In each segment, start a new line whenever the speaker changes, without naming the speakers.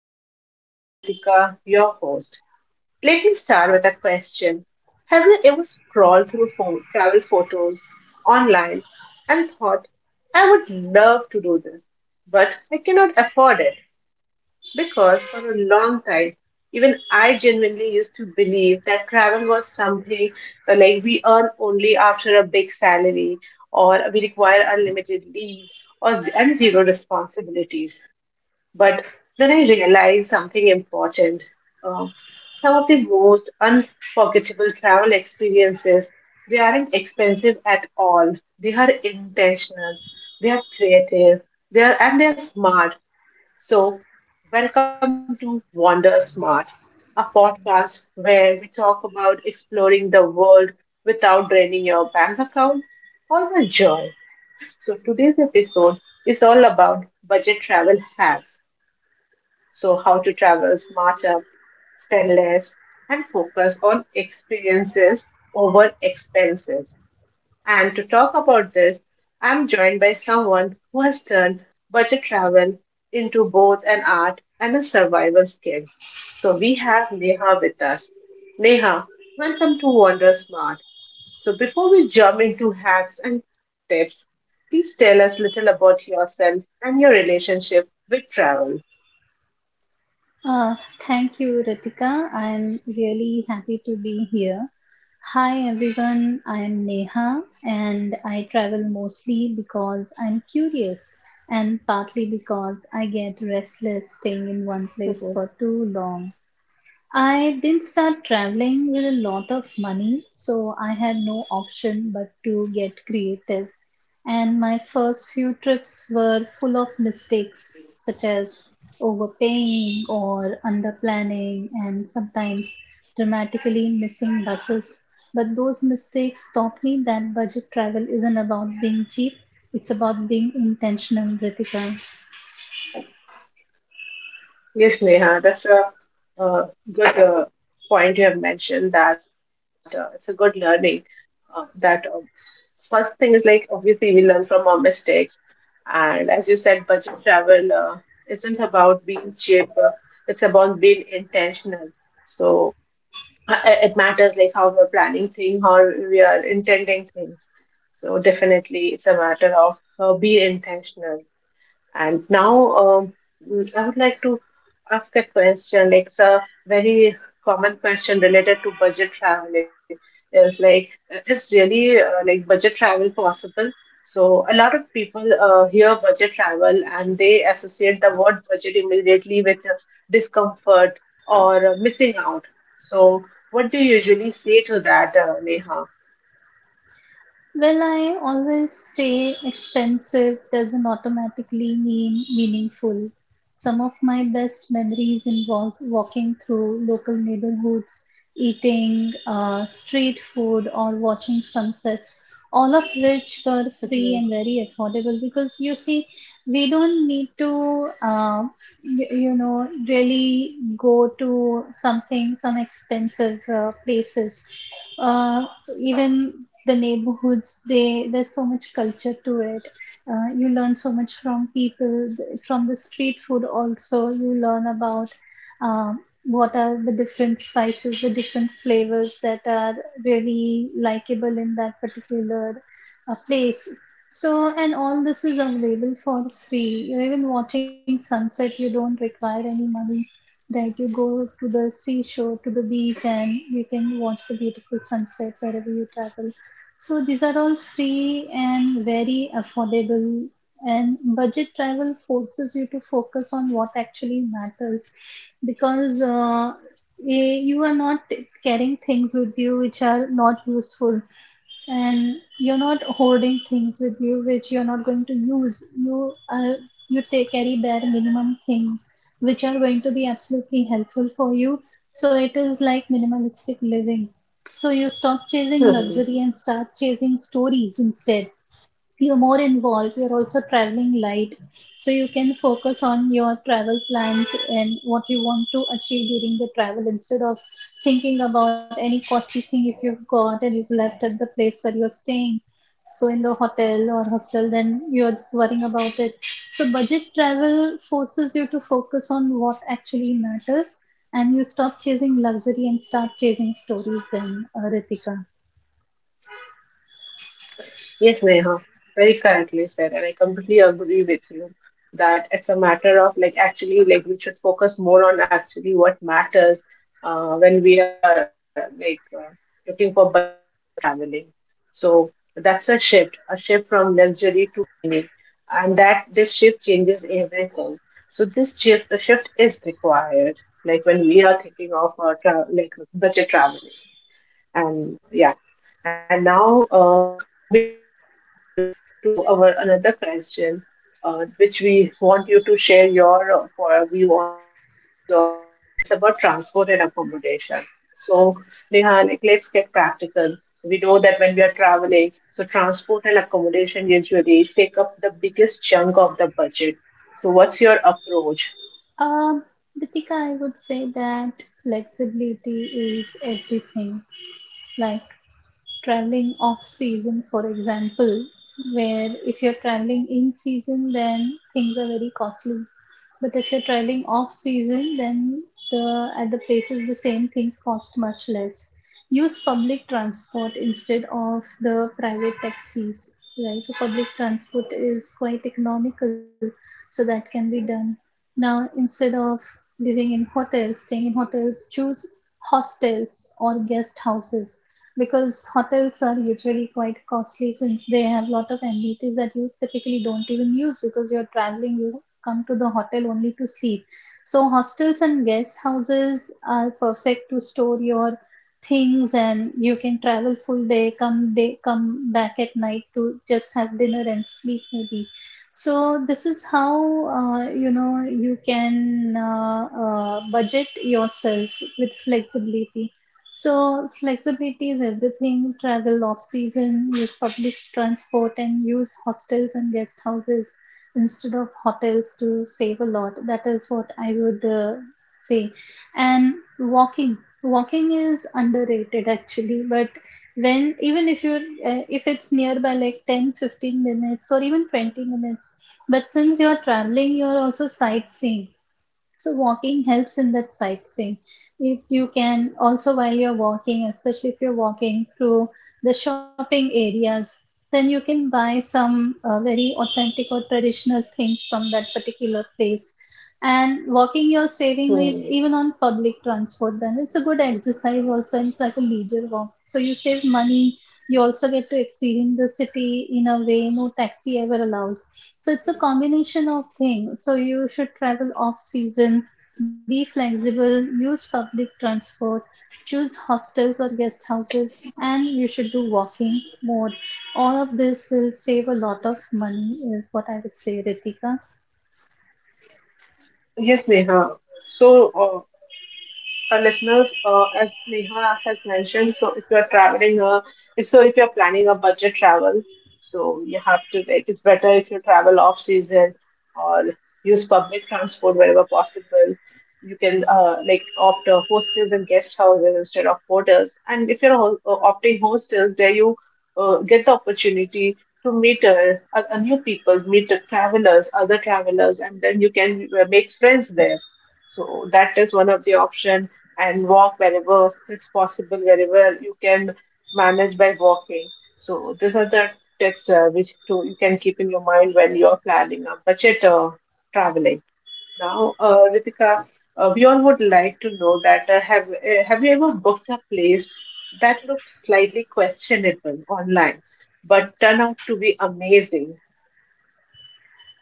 all. I'm Ritika, your host. Let me start with a question. Have you ever scrolled through travel photos online and thought, I would love to do this, but I cannot afford it? Because for a long time, even I genuinely used to believe that travel was something like we earn only after a big salary or we require unlimited leave or and zero responsibilities. But then I realized something important. Uh, some of the most unforgettable travel experiences, they aren't expensive at all. They are intentional, they are creative, and they are smart. So, welcome to Wander Smart, a podcast where we talk about exploring the world without draining your bank account or the joy. So, today's episode is all about budget travel hacks, so how to travel smarter, spend less, and focus on experiences over expenses. And to talk about this, I'm joined by someone who has turned budget travel into both an art and a survival skill. So, we have Neha with us. Neha, welcome to Wander Smart. So, before we jump into hacks and tips, please tell us little about yourself and your relationship with travel.
Uh, Thank you, Ritika. I'm really happy to be here. Hi, everyone. I'm Neha, and I travel mostly because I'm curious and partly because I get restless staying in one place for too long. I didn't start traveling with a lot of money, so I had no option but to get creative. And my first few trips were full of mistakes, such as overpaying or underplanning, and sometimes dramatically missing buses. But those mistakes taught me that budget travel isn't about being cheap, it's about being intentional, Ritika.
Yes, Neha, that's a uh, good point you have mentioned, that it's a good learning. That First thing is like obviously we learn from our mistakes, and as you said, budget travel isn't about being cheap, it's about being intentional. So it matters like how we're planning things, how we are intending things. So definitely, it's a matter of be intentional. And now I would like to ask a question. Like, it's a very common question related to budget traveling. Is like, is really like budget travel possible? So a lot of people hear budget travel and they associate the word budget immediately with discomfort or missing out. So what do you usually say to that, Neha?
Well, I always say expensive doesn't automatically mean meaningful. Some of my best memories involve walking through local neighborhoods, eating street food, or watching sunsets, all of which were free and very affordable because you see, we don't need to, really go to something, some expensive places, uh, even the neighborhoods, they there's so much culture to it. You learn so much from people, from the street food. Also you learn about, um, what are the different spices, the different flavors that are really likable in that particular place. So and all this is available for free. You're even watching sunset, you don't require any money, right? You go to the seashore, to the beach, and you can watch the beautiful sunset wherever you travel. So these are all free and very affordable. And budget travel forces you to focus on what actually matters because you are not carrying things with you which are not useful, and you're not hoarding things with you which you're not going to use. You take carry bare minimum things which are going to be absolutely helpful for you. So it is like minimalistic living, so you stop chasing
Mhm.
luxury and start chasing stories instead. You're more involved, you're also traveling light, so you can focus on your travel plans and what you want to achieve during the travel instead of thinking about any costly thing if you've got and you've left at the place where you're staying, so in the hotel or hostel. Then you're just worrying about it. So budget travel forces you to focus on what actually matters, and you stop chasing luxury and start chasing stories then, Ritika.
Yes, Neha, very correctly said, and I completely agree with you that it's a matter of like actually like we should focus more on actually what matters when we are like looking for budget traveling. So that's a shift from luxury to meaning, and that this shift changes everything. So this shift, the shift is required. Like when we are thinking of our like budget traveling. And yeah, and now moving forward to our another question, which we want you to share your view on views of this. It's about transport and accommodation. So Neha, like let's get practical. We know that when we are traveling, so transport and accommodation usually take up the biggest chunk of the budget. So what's your approach?
Um, Ritika, I would say that flexibility is everything. Like traveling off season, for example, where if you're traveling in season, then things are very costly. But if you're traveling off season, then the at the places the same things cost much less. Use public transport instead of the private taxis, right? The public transport is quite economical, so that can be done. Now, instead of living in hotels, staying in hotels, choose hostels or guest houses because hotels are usually quite costly since they have a lot of amenities that you typically don't even use because you're traveling, you come to the hotel only to sleep. So, hostels and guest houses are perfect to store your things, and you can travel full day, come day come back at night to just have dinner and sleep maybe. So this is how, you know you can budget yourself with flexibility. So flexibility is everything. Travel off season, use public transport, and use hostels and guest houses instead of hotels to save a lot. That is what I would say. And walking is underrated actually, but when even if you if it's nearby like 10, 15 minutes or even 20 minutes, but since you're traveling you're also sightseeing, so walking helps in that sightseeing. If you can also while you're walking, especially if you're walking through the shopping areas, then you can buy some very authentic or traditional things from that particular place. And walking, you're
Hmm.
saving even on public transport. Then it's a good exercise also, and it's like a leisure walk. So you save money, you also get to experience the city in a way no taxi ever allows. So it's a combination of things. So you should travel off season, be flexible, use public transport, choose hostels or guest houses, and you should do walking more. All of this will save a lot of money, is what I would say, Ritika.
Yes, Neha. So our listeners, as Neha has mentioned, so if you are traveling, so if you're planning a budget travel, so you have to like it's better if you travel off season or use public transport wherever possible. You can like opt hostels and guest houses instead of hotels. And if you're opting hostels, there you get the opportunity to meet a new peoples, meet the travelers, other travelers, and then you can make friends there, so that is one of the option and walk wherever it's possible, wherever you can manage by walking. So these are the tips which to, you can keep in your mind when you're planning a budget traveling. Now, Ritika, we all would like to know that have you ever booked a place that looked slightly questionable online, but turned out to be amazing?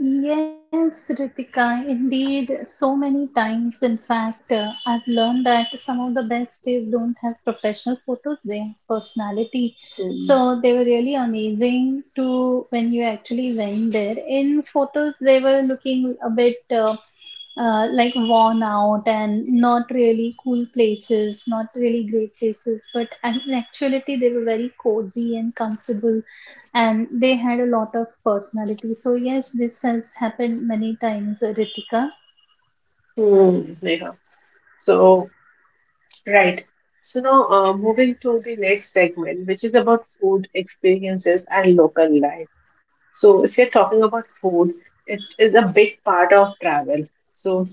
Yes, Ritika, indeed, so many times. In fact, I've learned that some of the best days don't have professional photos, they have personality.
Hmm.
So they were really amazing to when you actually went there. In photos, they were looking a bit like worn out and not really cool places, not really great places, but in actuality, they were very cozy and comfortable and they had a lot of personality. So yes, this has happened many times, Ritika.
Hmm, Neha. So right. So now, moving to the next segment, which is about food experiences and local life. So, if you're talking about food, it is a big part of travel. So,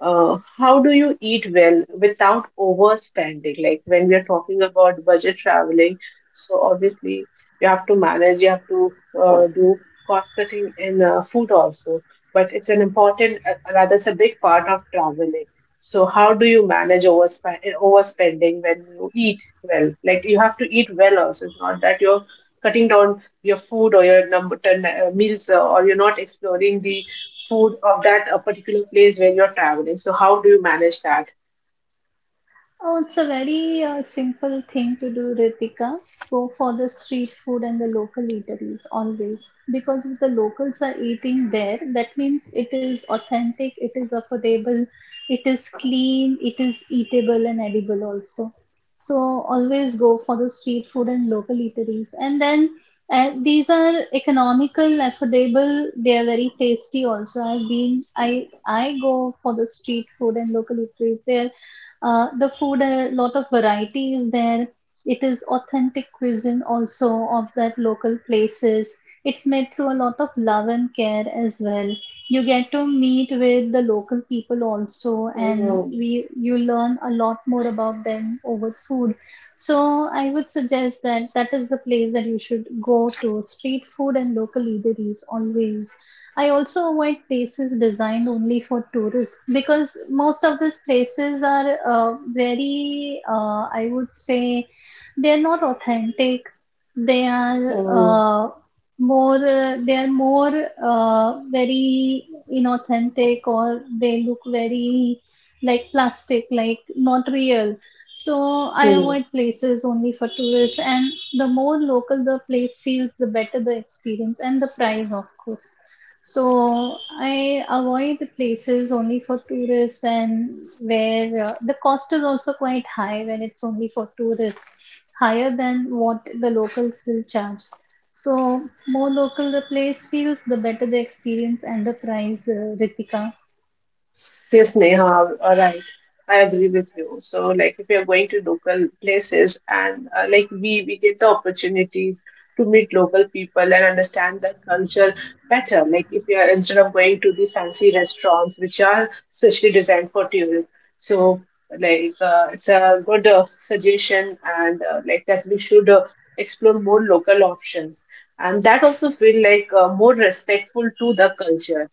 how do you eat well without overspending? Like when we are talking about budget traveling, so obviously you have to manage, you have to do cost cutting in food also. But it's an important, rather it's a big part of traveling. So how do you manage overspending when you eat well? Like you have to eat well also. It's not that you're cutting down your food or your number ten meals or you're not exploring the food of that particular place where you're traveling. So how do you manage that?
Oh, it's a very simple thing to do, Ritika. Go for the street food and the local eateries always. Because if the locals are eating there, that means it is authentic, it is affordable, it is clean, it is eatable and edible also. So always go for the street food and local eateries. And then these are economical, affordable, they are very tasty also. I go for the street food and local eateries. They are, the food, a lot of variety is there. It is authentic cuisine also of that local places. It's made through a lot of love and care as well. You get to meet with the local people also, and
Mm,
we you learn a lot more about them over food. So I would suggest that that is the place that you should go to. Street food and local eateries always. I also avoid places designed only for tourists because most of these places are very, I would say, they're not authentic. They are
mm,
more very inauthentic or they look very like plastic, like not real. So I
mm.
avoid places only for tourists, and the more local the place feels, the better the experience and the price, of course. So I avoid the places only for tourists, and where the cost is also quite high when it's only for tourists, higher than what the locals will charge. So more local the place feels, the better the experience and the price, Ritika.
Yes, Neha, all right. I agree with you. So, like, if you're going to local places and like we get the opportunities to meet local people and understand their culture better. Like, if you are instead of going to the fancy restaurants which are specially designed for tourists, so like it's a good suggestion and like that we should explore more local options, and that also feel like more respectful to the culture,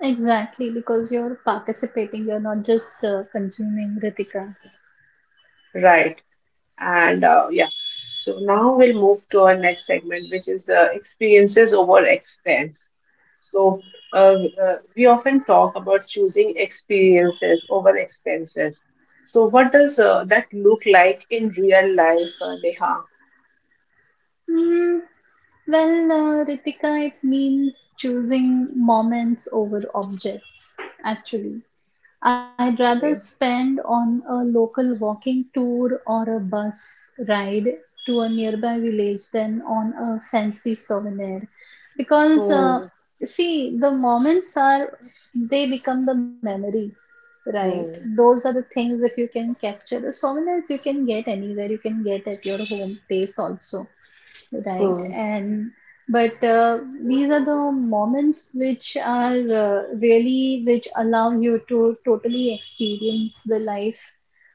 Exactly, because you're participating, you're not just consuming, Ritika.
right? And yeah, so now we'll move to our next segment, which is experiences over expense. So we often talk about choosing experiences over expenses. So what does that look like in real life, Neha?
Mm, well, Ritika, it means choosing moments over objects, actually. I'd rather
Okay.
spend on a local walking tour or a bus ride to a nearby village than on a fancy souvenir. Because,
Hmm,
see, the moments are, they become the memory, right?
hmm,
Those are the things if you can capture. The souvenirs you can get anywhere, you can get at your home place also. Right.
hmm,
And but these are the moments which are really which allow you to totally experience the life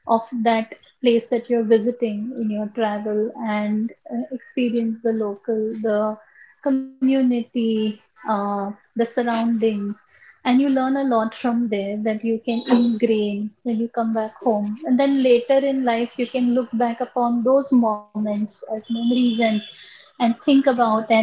of that place that you're visiting in your travel and experience the local, the community, uh, the surroundings. And you learn a lot from there that you can ingrain when you come back home. And then later in life, you can look back upon those moments as memories and think about and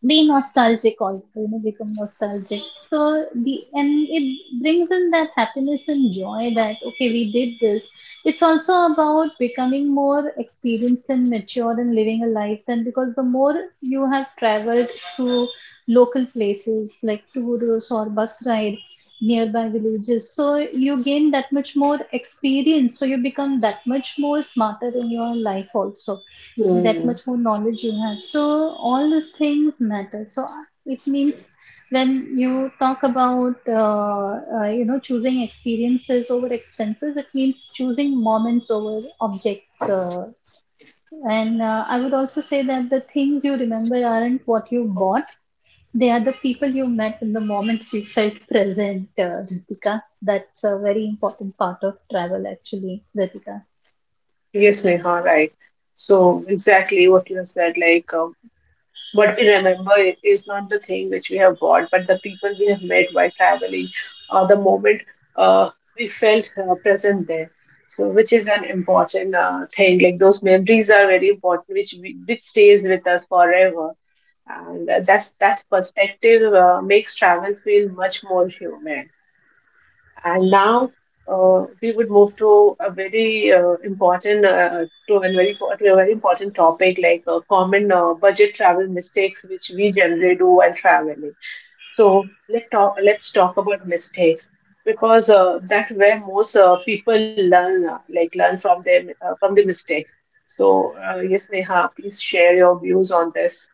be nostalgic also, you know, become nostalgic. So the and it brings in that happiness and joy that okay, we did this. It's also about becoming more experienced and mature and living a life then, because the more you have traveled through local places like tours or bus ride nearby villages, so you gain that much more experience, so you become that much more smarter in your life also, that
hmm.
much more knowledge you have. So all these things matter. So it means when you talk about, you know, choosing experiences over expenses, it means choosing moments over objects, and I would also say that the things you remember aren't what you bought, they are the people you met and the moments you felt present, Ritika. That's a very important part of travel actually, Ritika.
Yes, Neha, right. So exactly what you said, like what we remember is not the thing which we have bought, but the people we have met while traveling, or the moment uh, we felt present there. So, which is an important thing. Like those memories are very important, which we, which stays with us forever. And that's perspective makes travel feel much more human. And now we would move to a very important to a very important topic like common budget travel mistakes which we generally do while traveling. So let's talk about mistakes, because that's where most people learn like learn from their from the mistakes. So yes, Neha, please share your views on this.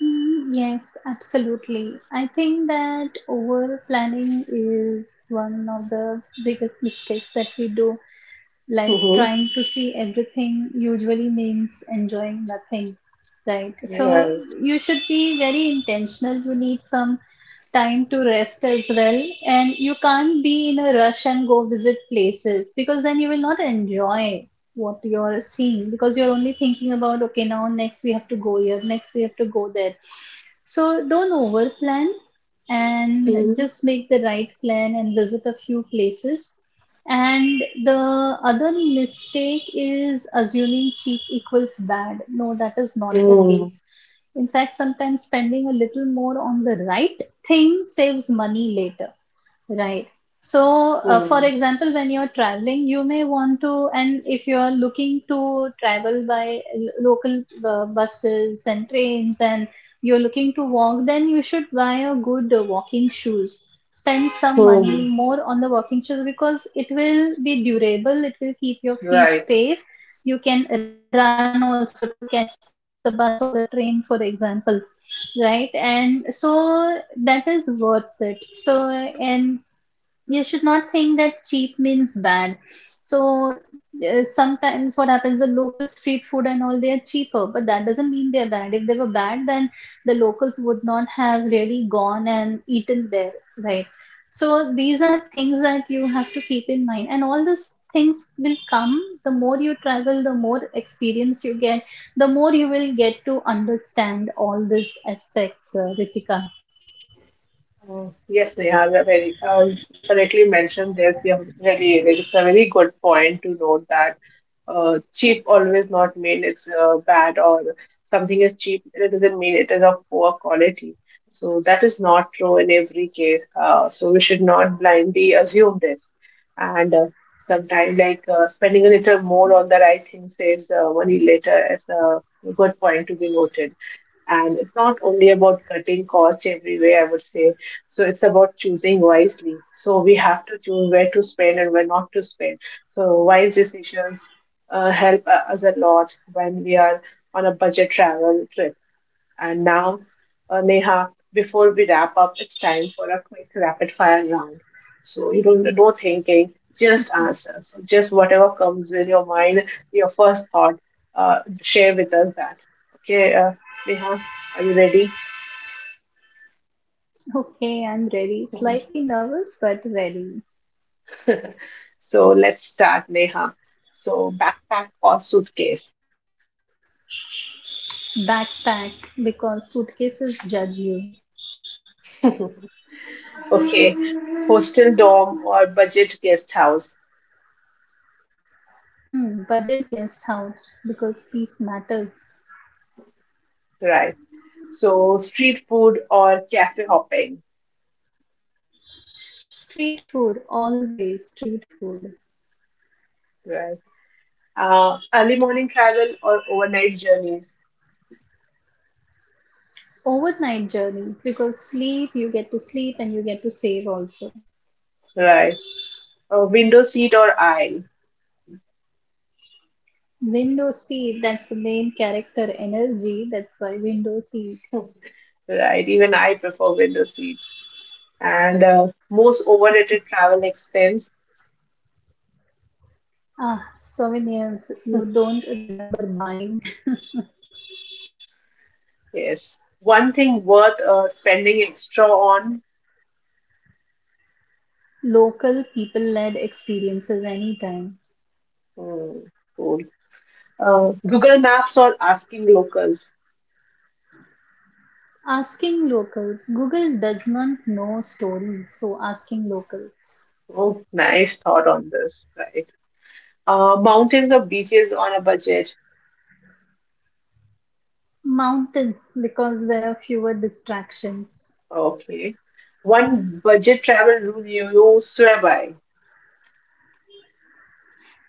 Yes, absolutely. I think that over planning is one of the biggest mistakes that we do. Like
Mm-hmm.
trying to see everything usually means enjoying nothing, right? So
Right.
you should be very intentional. You need some time to rest as well, and you can't be in a rush and go visit places because then you will not enjoy what you're seeing because you're only thinking about okay, now next we have to go here, next we have to go there. So don't over plan and
Mm-hmm.
just make the right plan and visit a few places. And the other mistake is assuming cheap equals bad. No, that is not the case. In fact, sometimes spending a little more on the right thing saves money later. Right. So, for example, when you're traveling, you may want to, and if you're looking to travel by local buses and trains, and you're looking to walk, then you should buy a good walking shoes. Spend some
Mm-hmm.
money more on the walking shoes because it will be durable, it will keep your feet
Right.
safe. You can run also to catch the bus or the train, for example, right? And so that is worth it. So and you should not think that cheap means bad. So sometimes what happens, the local street food and all, they are cheaper, but that doesn't mean they're bad. If they were bad, then the locals would not have really gone and eaten there, right? So these are things that you have to keep in mind, and all these things will come. The more you travel, the more experience you get, the more you will get to understand all these aspects, Ritika.
Mm, yes, Neha, you are very you correctly mentioned this. You have really, it's a very good point to note that cheap always not mean it's bad, or something is cheap. It doesn't mean it is of poor quality. So that is not true in every case. So we should not blindly assume this. And sometimes, like spending a little more on the right things saves money later is a good point to be noted. And it's not only about cutting cost every way, I would say. So it's about choosing wisely. So we have to choose where to spend and where not to spend. So wise decisions us a lot when we are on a budget travel trip. And now, Neha, before we wrap up, it's time for a quick rapid fire round. So you don't no thinking, just answer. So just whatever comes in your mind, your first thought, share with us that. Okay, Neha, are you ready?
Okay, I'm ready.
Yes.
Slightly nervous, but ready.
So let's start, Neha. So backpack or suitcase?
Backpack because suitcases judge you.
Okay, hostel dorm or budget guest house,
Hmm, budget guest house because peace matters.
right? So street food or cafe hopping,
Street food, always street food.
right? Early morning travel or overnight journeys,
Overnight journeys because sleep, you get to sleep and you get to save also.
right? A window seat or aisle,
Window seat, that's the main character energy. That's why window seat.
right? Even I prefer window seat. And most overrated travel expense,
Ah, souvenirs you don't remember buying.
yes. One thing worth spending extra on,
Local people led experiences anytime.
hmm, cool. Google Maps or asking locals.
Asking locals. Google does not know stories, so asking locals.
Oh, nice thought on this, right? Mountains or beaches on a budget.
Mountains, because there are fewer distractions.
Okay. One budget travel rule you swear by.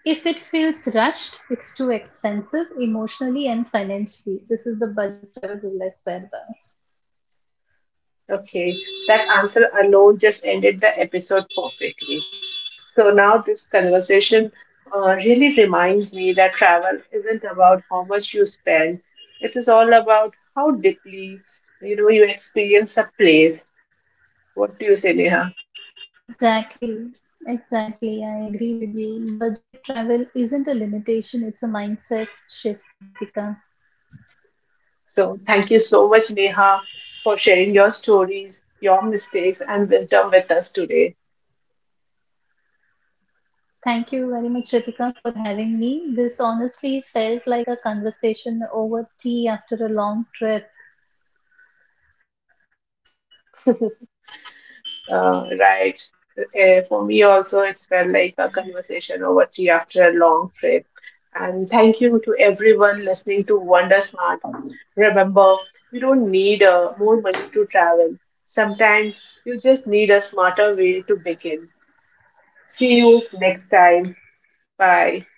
If it feels rushed, it's too expensive emotionally and financially. This is the budget travel rule I swear by.
Okay, that answer alone just ended the episode perfectly. So now this conversation really reminds me that travel isn't about how much you spend. It is all about how deeply, you know, you experience a place. What do you say, Neha?
Exactly, exactly. I agree with you. Budget travel isn't a limitation, it's a mindset shift, Ritika.
So thank you so much, Neha, for sharing your stories, your mistakes, and wisdom with us today.
Thank you very much, Ritika, for having me. This honestly felt like a conversation over tea after a long trip.
Right. For me also, it's felt like a conversation over tea after a long trip. And thank you to everyone listening to Wonder Smart. Remember, you don't need more money to travel. Sometimes you just need a smarter way to begin. See you next time. Bye.